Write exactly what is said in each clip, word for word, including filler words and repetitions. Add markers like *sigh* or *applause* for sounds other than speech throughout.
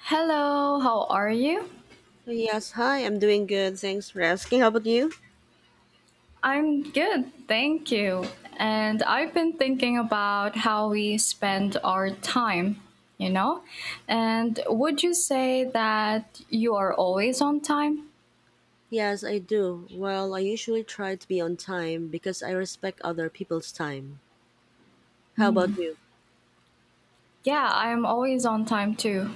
Hello, how are you? Yes, hi, I'm doing good. Thanks for asking. How about you? I'm good, thank you. And I've been thinking about how we spend our time, you know? And would you say that you are always on time? Yes, I do. Well, I usually try to be on time because I respect other people's time. How about you? Yeah, I am always on time too.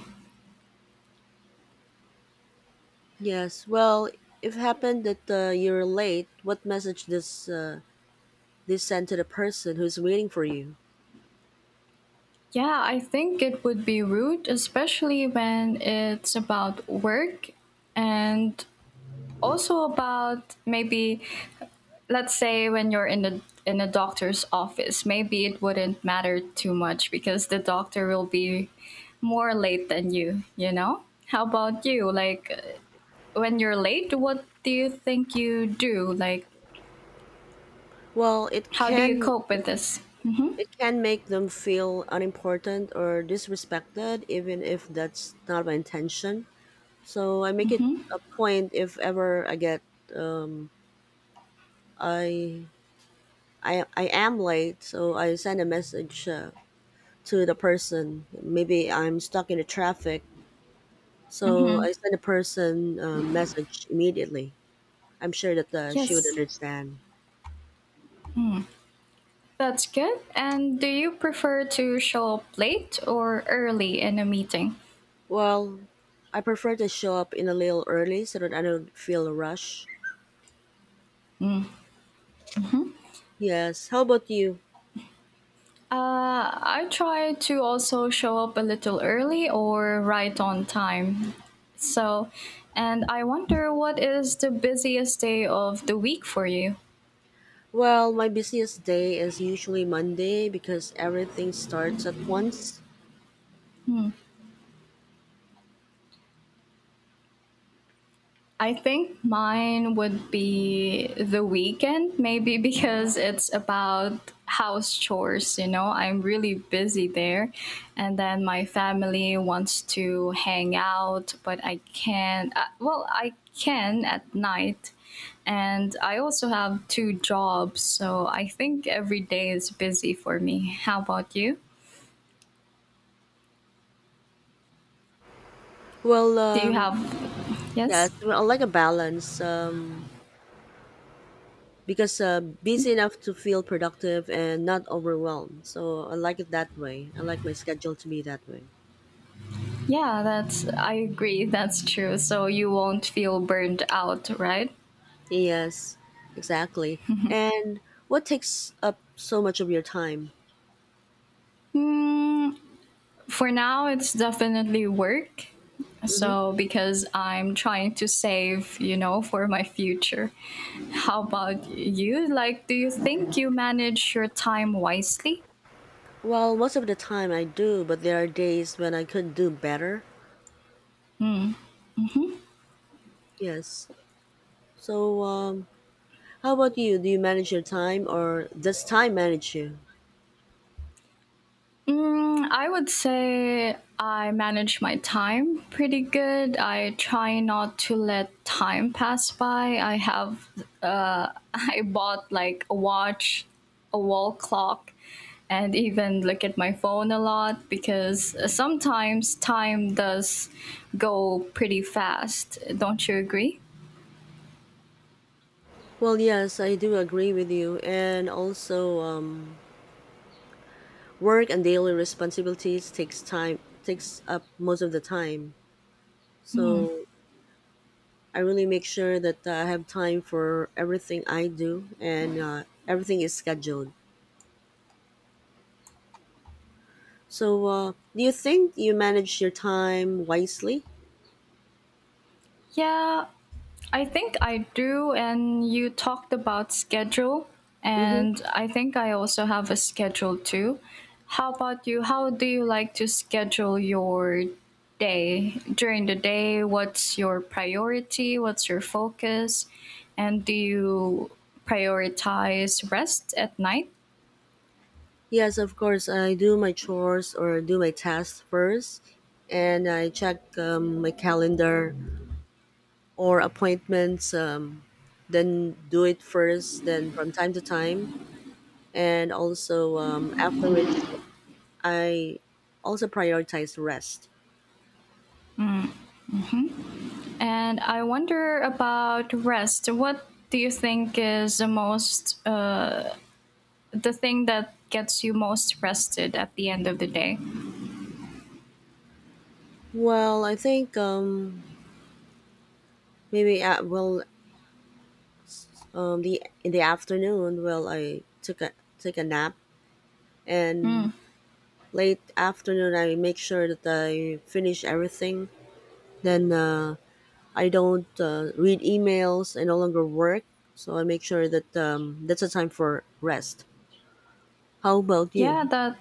Yes, well, if happened that uh, you're late, what message does uh, this send to the person who's waiting for you? Yeah, I think it would be rude, especially when it's about work and also about maybe let's say when you're in the in a doctor's office. Maybe it wouldn't matter too much because the doctor will be more late than you, you know? How about you? Like uh, when you're late, what do you think you do? Like Well, it how do you can cope with this? it can make them feel unimportant or disrespected, even if that's not my intention. So I make it a point if ever I get um, I I I am late, so I sent a message uh, to the person. Maybe I'm stuck in the traffic, so Mhm. I sent the person a message immediately. I'm sure that uh, she would Yes. understand. That's good. And do you prefer to show up late or early in a meeting? Well, I prefer to show up in a little early so that I don't feel a rush. Yes. How about you? Uh, I try to also show up a little early or right on time. So, and I wonder what is the busiest day of the week for you? Well, my busiest day is usually Monday because everything starts at once. I think mine would be the weekend, maybe *laughs* because it's about house chores, you know. I'm really busy there. And then my family wants to hang out, but I can't. Uh, well, I can at night. And I also have two jobs, so I think every day is busy for me. How about you? Well, Do you um, have. yes, Yes? well, I like a balance. Um, because uh, busy enough to feel productive and not overwhelmed. So I like it that way. I like my schedule to be that way. Yeah, that's, I agree, that's true. So you won't feel burned out, right? Yes, exactly. And what takes up so much of your time? Mm, for now, it's definitely work. So because I'm trying to save, you know, for my future. How about you? Like, do you think you manage your time wisely? Well, most of the time I do, but there are days when I could do better. Yes. So, um, how about you? Do you manage your time or does time manage you? Mm, I would say I manage my time pretty good. I try not to let time pass by. I have, uh, *laughs* I bought like a watch, a wall clock, and even look at my phone a lot because sometimes time does go pretty fast. Don't you agree? Well, yes, I do agree with you. And also, um, work and daily responsibilities takes time takes up most of the time. So I really make sure that I have time for everything I do, and uh, everything is scheduled. So uh, do you think you manage your time wisely? Yeah, I think I do, and you talked about schedule, Mm-hmm. and I think I also have a schedule too. How about you? How do you like to schedule your day during the day? What's your priority? What's your focus? And do you prioritize rest at night? Yes, of course. I do my chores or do my tasks first, and I check um, my calendar or appointments. Um, then do it first. Then from time to time, and also um, after which I also prioritize rest. And I wonder about rest. What do you think is the most, uh, the thing that gets you most rested at the end of the day? Well, I think um, maybe at, well um, the in the afternoon, well I took a took a nap, and late afternoon I make sure that I finish everything. Then uh, I don't uh, read emails. I no longer work, so I make sure that um, that's a time for rest. How about Yeah, you? that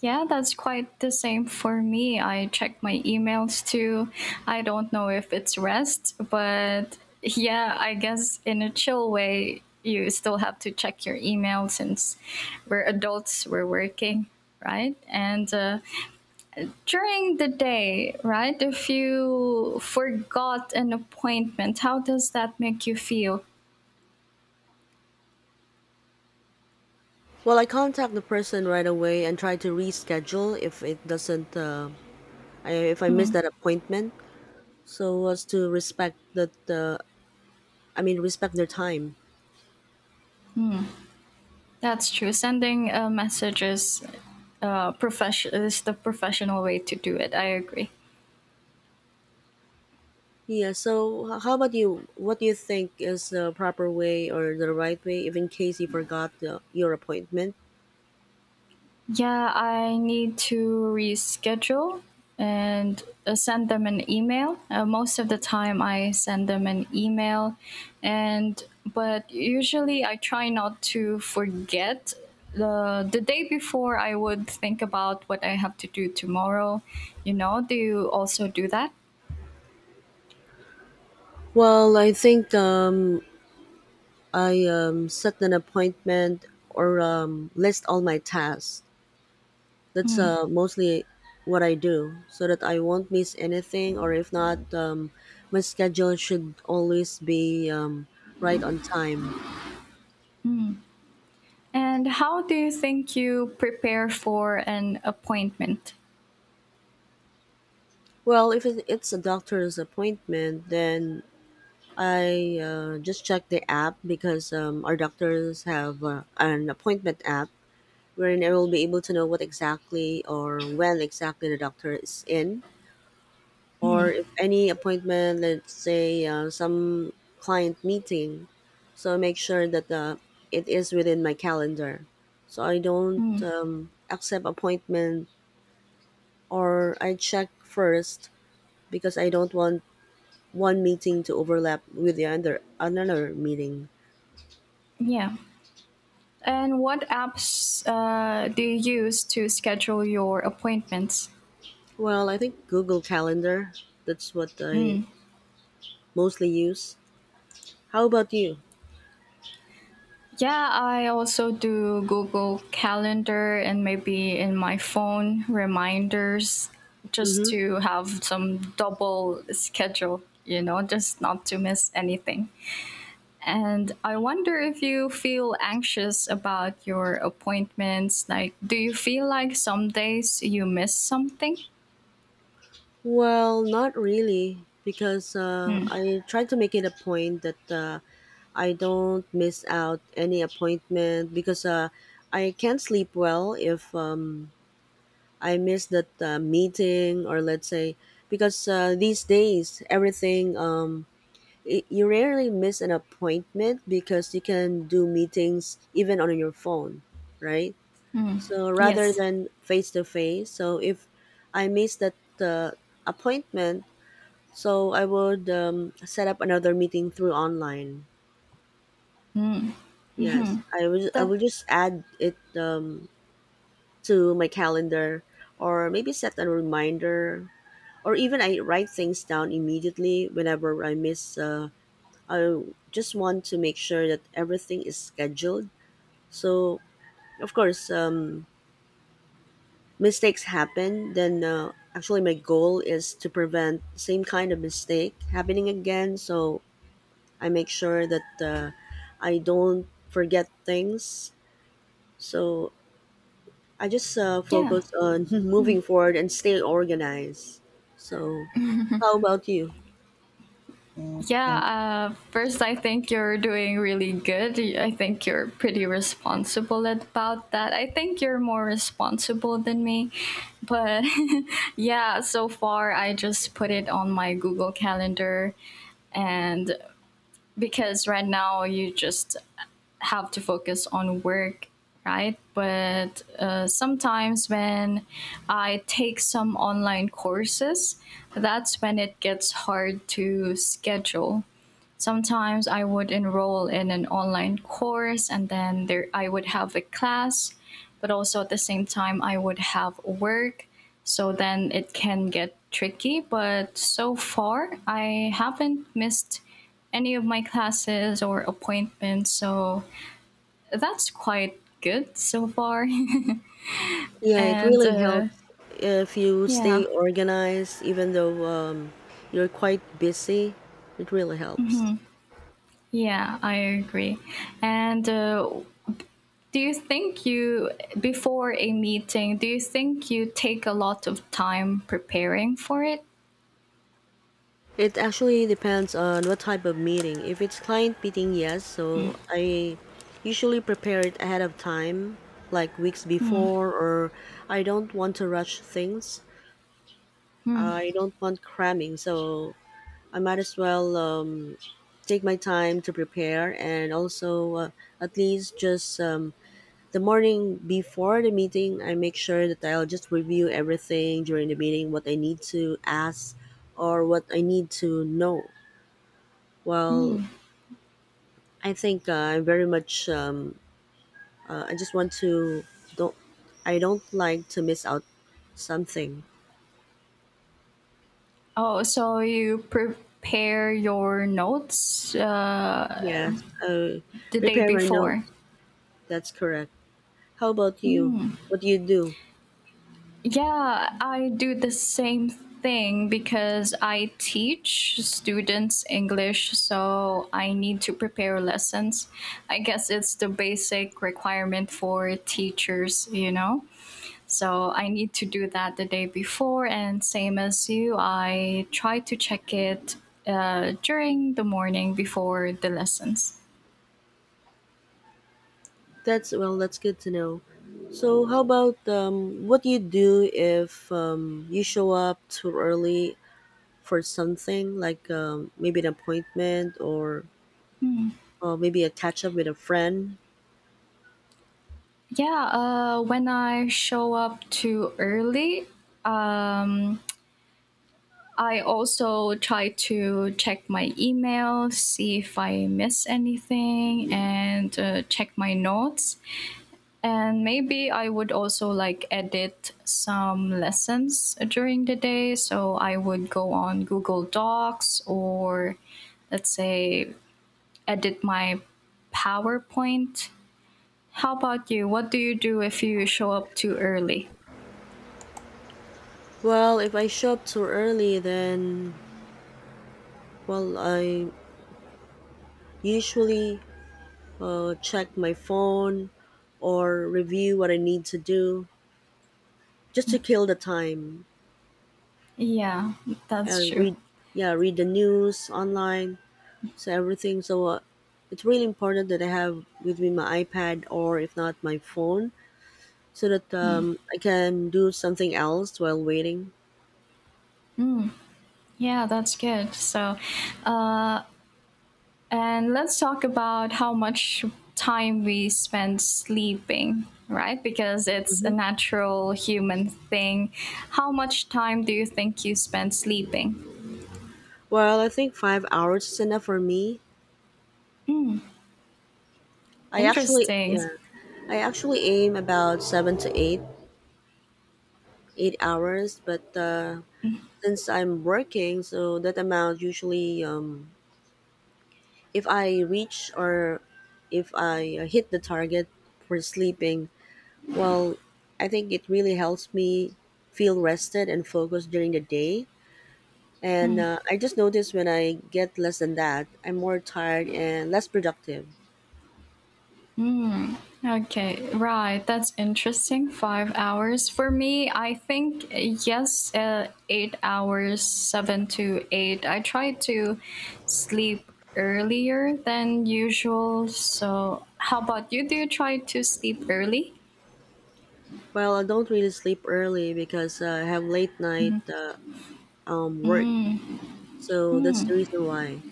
yeah, that's quite the same for me. I check my emails too. I don't know if it's rest, but yeah, I guess in a chill way, you still have to check your email since we're adults, we're working, right? And uh, during the day, right? If you forgot an appointment, how does that make you feel? Well, I contact the person right away and try to reschedule if it doesn't, uh, I, if I miss that appointment, so as to respect that, uh, I mean, respect their time. That's true. Sending a message is, uh, profession is the professional way to do it. I agree. Yeah, so h- how about you? What do you think is the proper way or the right way if in case you forgot uh, your appointment? Yeah, I need to reschedule and uh, send them an email. Uh, most of the time, I send them an email, and but usually I try not to forget. The, the day before, I would think about what I have to do tomorrow. You know, do you also do that? Well, I think um, I um, set an appointment or um, list all my tasks. That's uh, mostly what I do so that I won't miss anything, or if not, um, my schedule should always be um, right on time. And how do you think you prepare for an appointment? Well, if it- it's a doctor's appointment, then I uh, just check the app, because um, our doctors have uh, an appointment app wherein I will be able to know what exactly or when exactly the doctor is in, or if any appointment, let's say uh, some client meeting. So I make sure that uh, it is within my calendar. So I don't Mm, um, accept appointment, or I check first, because I don't want one meeting to overlap with the other another meeting. yeah. And what apps uh, do you use to schedule your appointments? Well, I think Google Calendar. That's what I mostly use. How about you? Yeah, I also do Google Calendar and maybe in my phone reminders just Mm-hmm. to have some double schedule, you know, just not to miss anything. And I wonder if you feel anxious about your appointments. Like, do you feel like some days you miss something? Well, not really, because uh, Hmm. I try to make it a point that uh, I don't miss out any appointment, because uh, I can't sleep well if um, I miss that uh, meeting, or let's say because uh, these days everything um, y- you rarely miss an appointment because you can do meetings even on your phone, right? So rather Yes. than face to face, so if I miss that uh, appointment, so I would um, set up another meeting through online. Yes, I will. I That, will just add it um, to my calendar, or maybe set a reminder, or even I write things down immediately whenever I miss. Uh, I just want to make sure that everything is scheduled. So of course, um, mistakes happen. Then uh, actually, my goal is to prevent same kind of mistake happening again. So I make sure that uh, I don't forget things. So I just uh, yeah. focus on *laughs* moving forward and stay organized. So, how about you? Yeah. Uh, first, I think you're doing really good. I think you're pretty responsible about that. I think you're more responsible than me. But *laughs* yeah, so far, I just put it on my Google Calendar. And because right now you just have to focus on work, right? But uh, sometimes when I take some online courses, that's when it gets hard to schedule. Sometimes I would enroll in an online course, and then there I would have a class, but also at the same time I would have work, so then it can get tricky. But so far I haven't missed any of my classes or appointments, so that's quite good so far. *laughs* Yeah, it and really uh, helps if you yeah, stay organized, even though um, you're quite busy. It really helps. yeah, I agree. And uh, do you think you, before a meeting, do you think you take a lot of time preparing for it? It actually depends on what type of meeting. If it's client meeting, yes. So I usually prepare it ahead of time, like weeks before, or I don't want to rush things. I don't want cramming. So I might as well um, take my time to prepare, and also uh, at least just um, the morning before the meeting, I make sure that I'll just review everything during the meeting, what I need to ask or what I need to know. Well, Mm. I think uh, I'm very much. Um, uh, I just want to don't. I don't like to miss out something. Oh, so you prepare your notes uh, Yes, uh, the day prepare my before? notes. That's correct. How about you? What do you do? Yeah, I do the same thing because I teach students English, so I need to prepare lessons. I guess it's the basic requirement for teachers, you know? So I need to do that the day before, and same as you, I try to check it uh, during the morning before the lessons. That's well. That's good to know. So, how about um, what do you do if um, you show up too early for something, like um, maybe an appointment, or or maybe a catch up with a friend? Yeah, uh, when I show up too early, um, I also try to check my email, see if I miss anything, and uh, check my notes. And maybe I would also like edit some lessons during the day. So I would go on Google Docs or let's say edit my PowerPoint. How about you? What do you do if you show up too early? Well, if I show up too early, then well, I usually uh, check my phone or review what I need to do just to kill the time Yeah, that's and true. read, yeah, read the news online. So everything. So uh, it's really important that I have with me my iPad, or if not my phone, so that um, I can do something else while waiting. Yeah, that's good. So, uh, and let's talk about how much time we spend sleeping, right? Because it's a hmm natural human thing. How much time do you think you spend sleeping? Well, I think five hours is enough for me. I actually, Interesting. yeah, I actually aim about seven to eight, eight hours, but uh, since I'm working, so that amount usually, um, if I reach, or if I uh, hit the target for sleeping, well, I think it really helps me feel rested and focused during the day. And uh, I just notice when I get less than that, I'm more tired and less productive. Okay, right. That's interesting. Five hours. For me, I think, uh, yes, uh, eight hours, seven to eight. I try to sleep earlier than usual. So, how about you? Do you try to sleep early? Well, I don't really sleep early because uh, I have late night uh, um, work. So that's the reason why.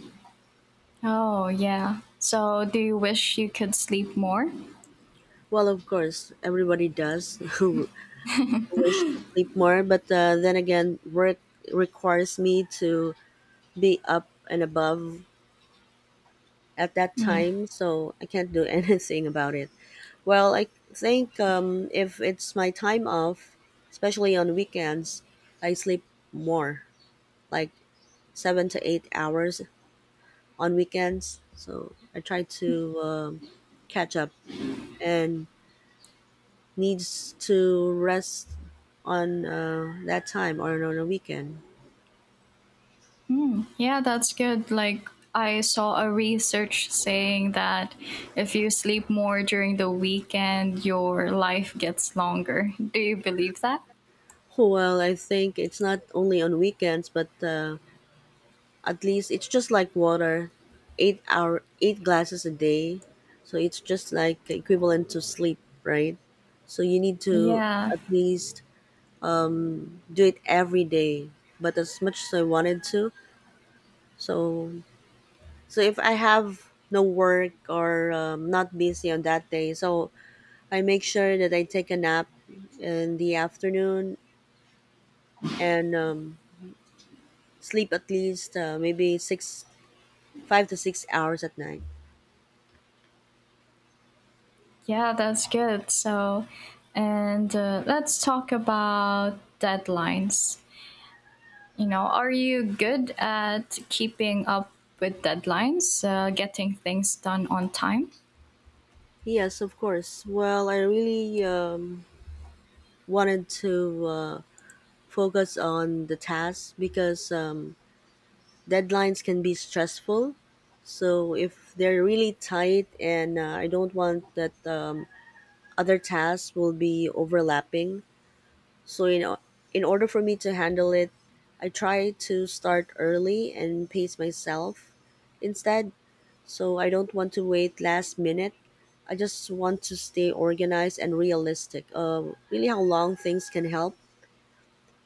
Oh, yeah. So, do you wish you could sleep more? Well, of course, everybody does *laughs* who wish to sleep more, but uh, then again, work requires me to be up and above at that time, so I can't do *laughs* anything about it. Well, I think um, if it's my time off, especially on weekends, I sleep more, like seven to eight hours on weekends. So I try to um catch up and needs to rest on uh, that time or on a weekend. Yeah, that's good. Like, I saw a research saying that if you sleep more during the weekend, your life gets longer. Do you believe that? Well, I think it's not only on weekends, but uh, at least it's just like water, eight hour, eight glasses a day. So it's just like equivalent to sleep, right? So you need to Yeah, at least do it every day. But as much as I wanted to, so so if I have no work, or um, not busy on that day, so I make sure that I take a nap in the afternoon and um, sleep at least uh, maybe six five to six hours at night. yeah, that's good. So, and uh, let's talk about deadlines. You know, are you good at keeping up with deadlines, uh, getting things done on time? Yes, of course. Well, I really um, wanted to uh, focus on the task, because um, deadlines can be stressful. So if they're really tight, and uh, I don't want that um, other tasks will be overlapping. So you know, in order for me to handle it, I try to start early and pace myself. Instead, so I don't want to wait last minute. I just want to stay organized and realistic. Uh, really, how long things can help,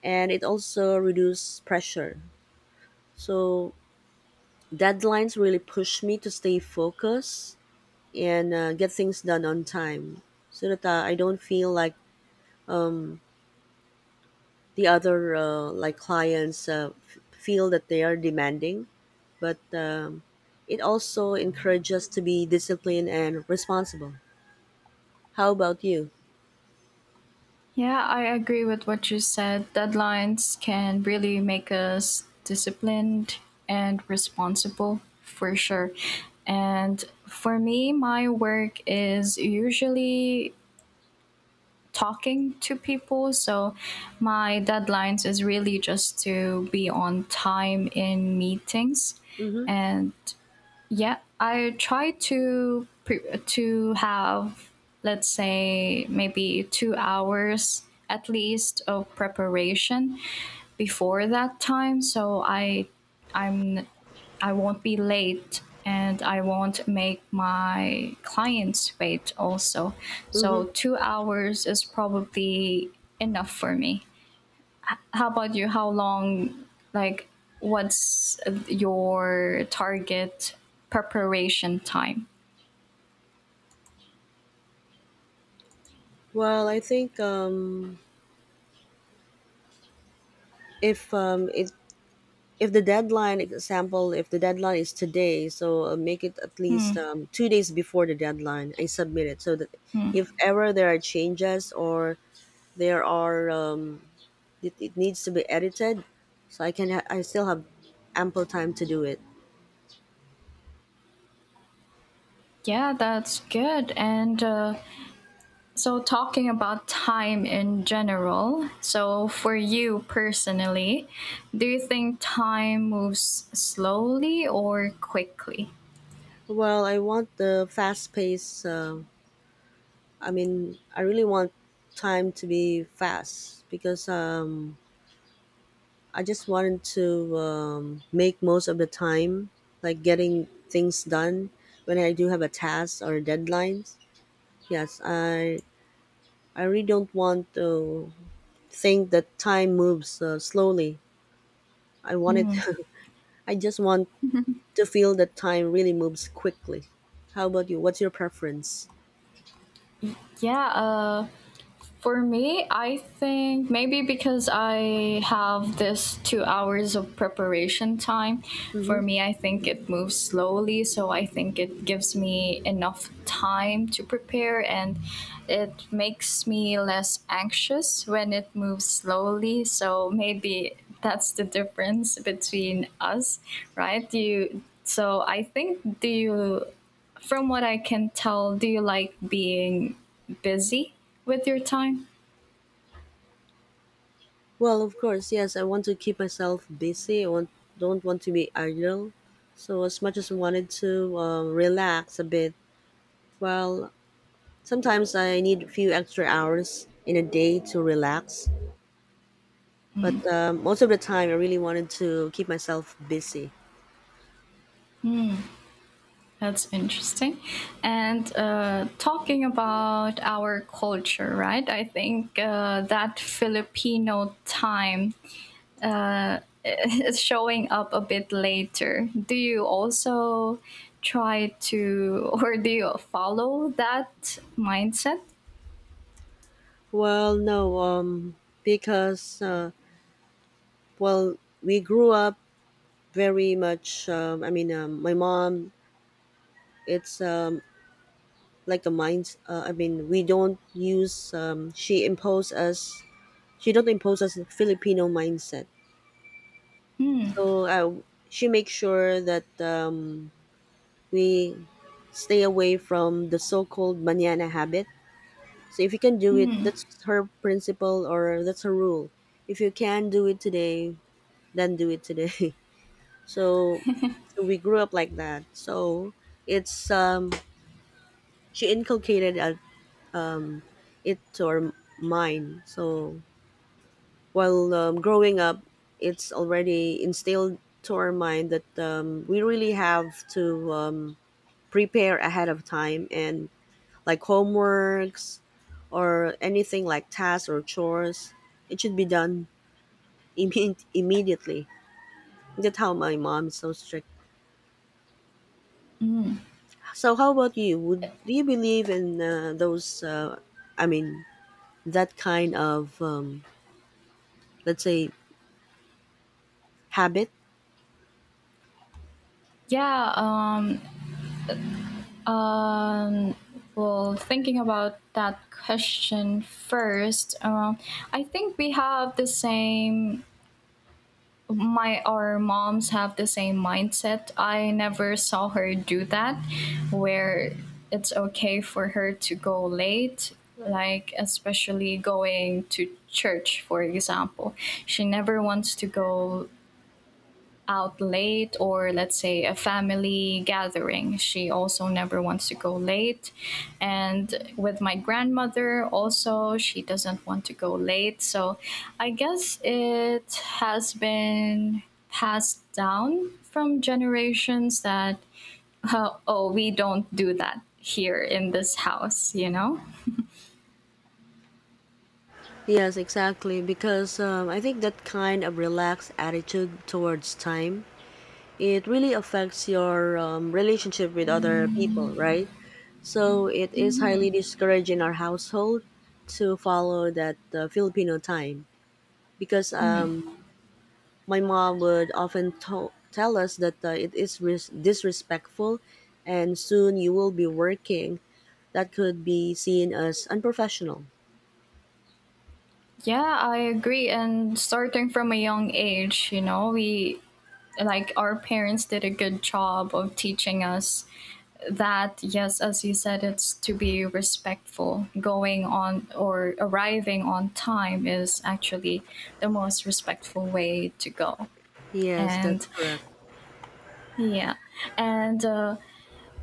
and it also reduces pressure. So deadlines really push me to stay focused, and uh, get things done on time, so that uh, I don't feel like the other uh, like clients uh, f- feel that they are demanding, but. Um, it also encourages us to be disciplined and responsible. How about you? Yeah, I agree with what you said. Deadlines can really make us disciplined and responsible for sure. And for me, my work is usually talking to people. So my deadlines is really just to be on time in meetings, Mm-hmm. and yeah, I try to pre- to have, let's say, maybe two hours at least of preparation before that time, so I I'm I won't be late, and I won't make my clients wait also. hmm So two hours is probably enough for me. How about you? How long, like, what's your target preparation time? Well, I think um, if um, it if the deadline example if the deadline is today, so uh, make it at least um, two days before the deadline. I submit it so that if ever there are changes, or there are um, it, it needs to be edited, so I can ha- I still have ample time to do it. Yeah, that's good. And uh, so, talking about time in general, so for you personally, do you think time moves slowly or quickly? Well, I want the fast pace. Uh, I mean, I really want time to be fast, because um, I just wanted to um, make most of the time, like getting things done when I do have a task or deadlines. Yes, I I really don't want to think that time moves uh, slowly. I wanted, *laughs* I just want to feel that time really moves quickly. How about you? What's your preference? Yeah, uh, for me, I think maybe because I have this two hours of preparation time, for Mm-hmm. me, I think it moves slowly. So I think it gives me enough time to prepare, and it makes me less anxious when it moves slowly. So maybe that's the difference between us, right? Do You, so I think, do you, from what I can tell, do you like being busy with your time? Well, of course, yes. I want to keep myself busy. I want don't want to be idle. So as much as I wanted to um, relax a bit, well, sometimes I need a few extra hours in a day to relax, but um, most of the time I really wanted to keep myself busy. That's interesting. And uh, talking about our culture, right? I think uh, that Filipino time uh, *laughs* is showing up a bit later. Do you also try to, *laughs* or do you follow that mindset? Well, no, um, because uh, well, we grew up very much. Um, I mean, um, my mom. It's um, like the mind. Uh, I mean, we don't use. Um, she imposed us. She don't impose us a Filipino mindset. So uh, she makes sure that um, we stay away from the so-called manana habit. So if you can do it, that's her principle or that's her rule. If you can do it today, then do it today. *laughs* So, so we grew up like that. So it's um She inculcated a, um it to our mind. So while um, growing up, it's already instilled to our mind that um, we really have to um, prepare ahead of time, and like homeworks or anything like tasks or chores. It should be done *laughs* imme- immediately. That's how my mom is so strict. So, how about you? Would Do you believe in uh, those? Uh, I mean, that kind of um, let's say habit. Yeah. Um, um, well, thinking about that question first, um, I think we have the same my our moms have the same mindset. I never saw her do that where it's okay for her to go late, like especially going to church, for example. She never wants to go out late, or let's say a family gathering, she also never wants to go late. And with my grandmother also, she doesn't want to go late. So I guess it has been passed down from generations that *laughs* uh, oh, we don't do that here in this house, you know. Yes, exactly. Because um, I think that kind of relaxed attitude towards time, it really affects your um, relationship with other people, right? So it is highly discouraged in our household to follow that uh, Filipino time, because um, my mom would often to- tell us that uh, it is ris- disrespectful, and soon you will be working. That could be seen as unprofessional. Yeah, I agree. And starting from a young age, you know, we like our parents did a good job of teaching us that, yes, as you said, it's to be respectful. Going on or Arriving on time is actually the most respectful way to go. Yes, that's and correct. yeah and uh,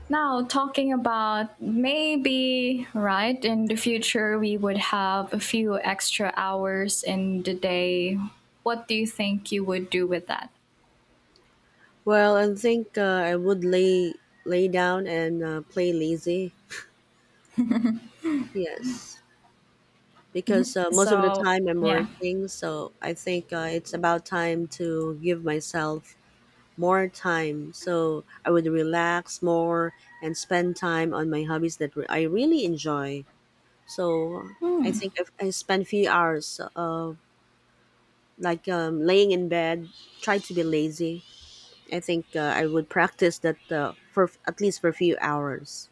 now, talking about maybe, right, in the future we would have a few extra hours in the day. What do you think you would do with that? Well, I think uh, I would lay lay down and uh, play lazy. Yes, because uh, most of the So, time I'm yeah. working, so I think uh, it's about time to give myself more time. So I would relax more and spend time on my hobbies that re- I really enjoy. So I think if I spend few hours, uh, like um, laying in bed, try to be lazy. I think uh, I would practice that uh, for at least for a few hours.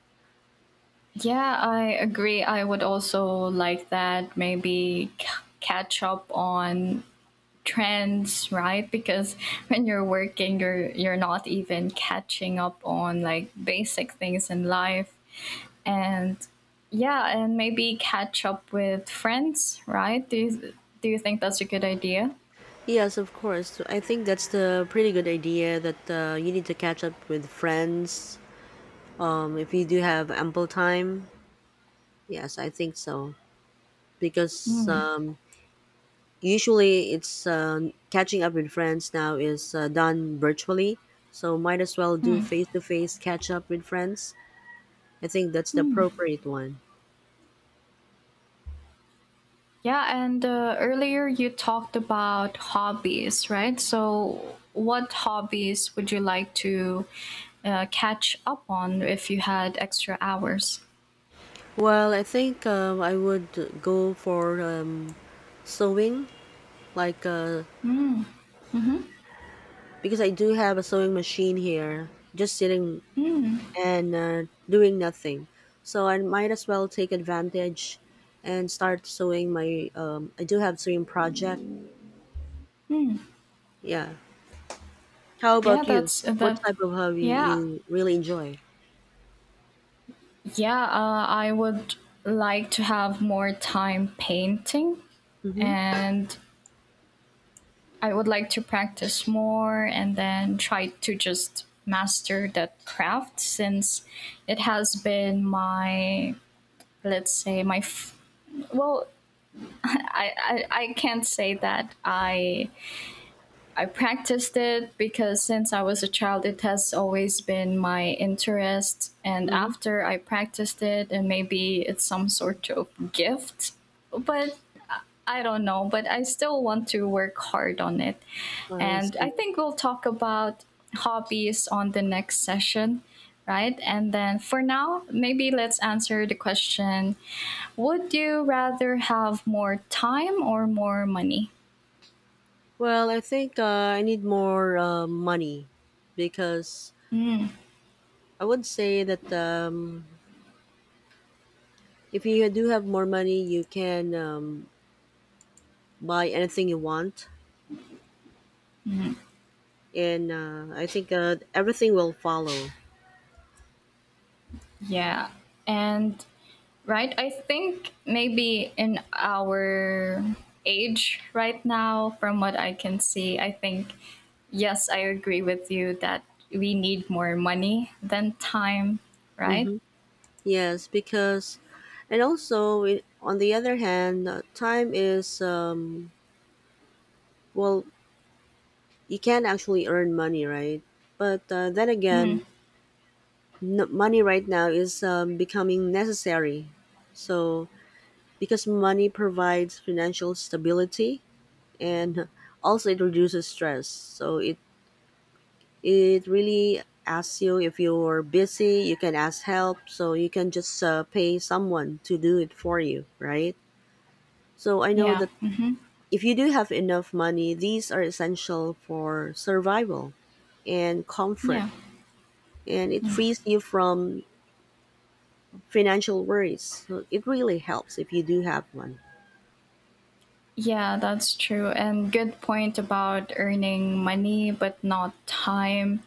Yeah, I agree. I would also like that, maybe c- catch up on trends, right? Because *laughs* when you're working, you're you're not even catching up on like basic things in life. And yeah, and maybe catch up with friends, right? Do you, do you think that's a good idea? Yes, of course. So, I think that's the pretty good idea that uh, you need to catch up with friends um, if you do have ample time. Yes, I think so, because um, usually, it's um, catching up with friends now is uh, done virtually, so might as well do face to face catch up with friends. I think that's the appropriate one. Yeah, and uh, earlier you talked about hobbies, right? So, what hobbies would you like to uh, catch up on if you had extra hours? Well, I think um, I would go for um, sewing, like uh, because I do have a sewing machine here, just sitting and uh, doing nothing. So I might as well take advantage and start sewing my. Um, I do have sewing project. Yeah. How Yeah, about you? that's What that. type of hobby Yeah, you really enjoy? yeah. Uh, I would like to have more time painting, Mm-hmm. and I would like to practice more and then try to just master that craft, since it has been my, let's say, my f- well, I, I, I can't say that I I practiced it, because since I was a child, it has always been my interest, and Mm-hmm. after I practiced it, and maybe it's some sort of gift, but I don't know, but I still want to work hard on it. I And I see. think we'll talk about hobbies on the next session, right? And then for now, maybe let's answer the question: would you rather have more time or more money? Well, I think uh, I need more uh, money, because I would say that um, if you do have more money, you can um, buy anything you want, and uh, I think uh, everything will follow. Yeah. And Right? I think maybe in our age right now, from what I can see, I think, yes, I agree with you that we need more money than time, right? Mm-hmm. Yes, because, and also i- on the other hand, uh, time is um, well you can actually earn money, right? But uh, then Mm, again, n- money right now is um, becoming necessary. So, because money provides financial stability, and also it reduces stress. So, it, it really asks you if you're busy, you can ask help. So, you can just uh, pay someone to do it for you, right? So, I know yeah. that Hmm. if you do have enough money, these are essential for survival and comfort, Yeah. and it frees you from financial worries. So it really helps if you do have one. Yeah, that's true. And good point about earning money but not time.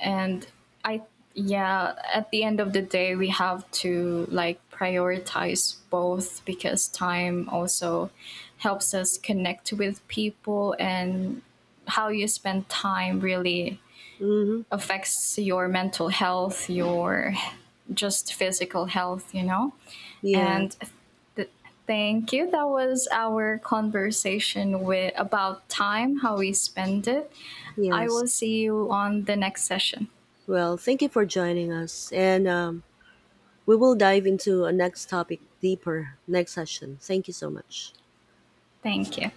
And I, yeah, at the end of the day, we have to like prioritize both, because time also helps us connect with people, and how you spend time really Mm-hmm. affects your mental health, your just physical health, you know? Yeah. And th- thank you. That was our conversation with about time, how we spend it. I Yes. will see you on the next session. Well, thank you for joining us, and um, we will dive into a next topic deeper next session. Thank you so much. Thank you.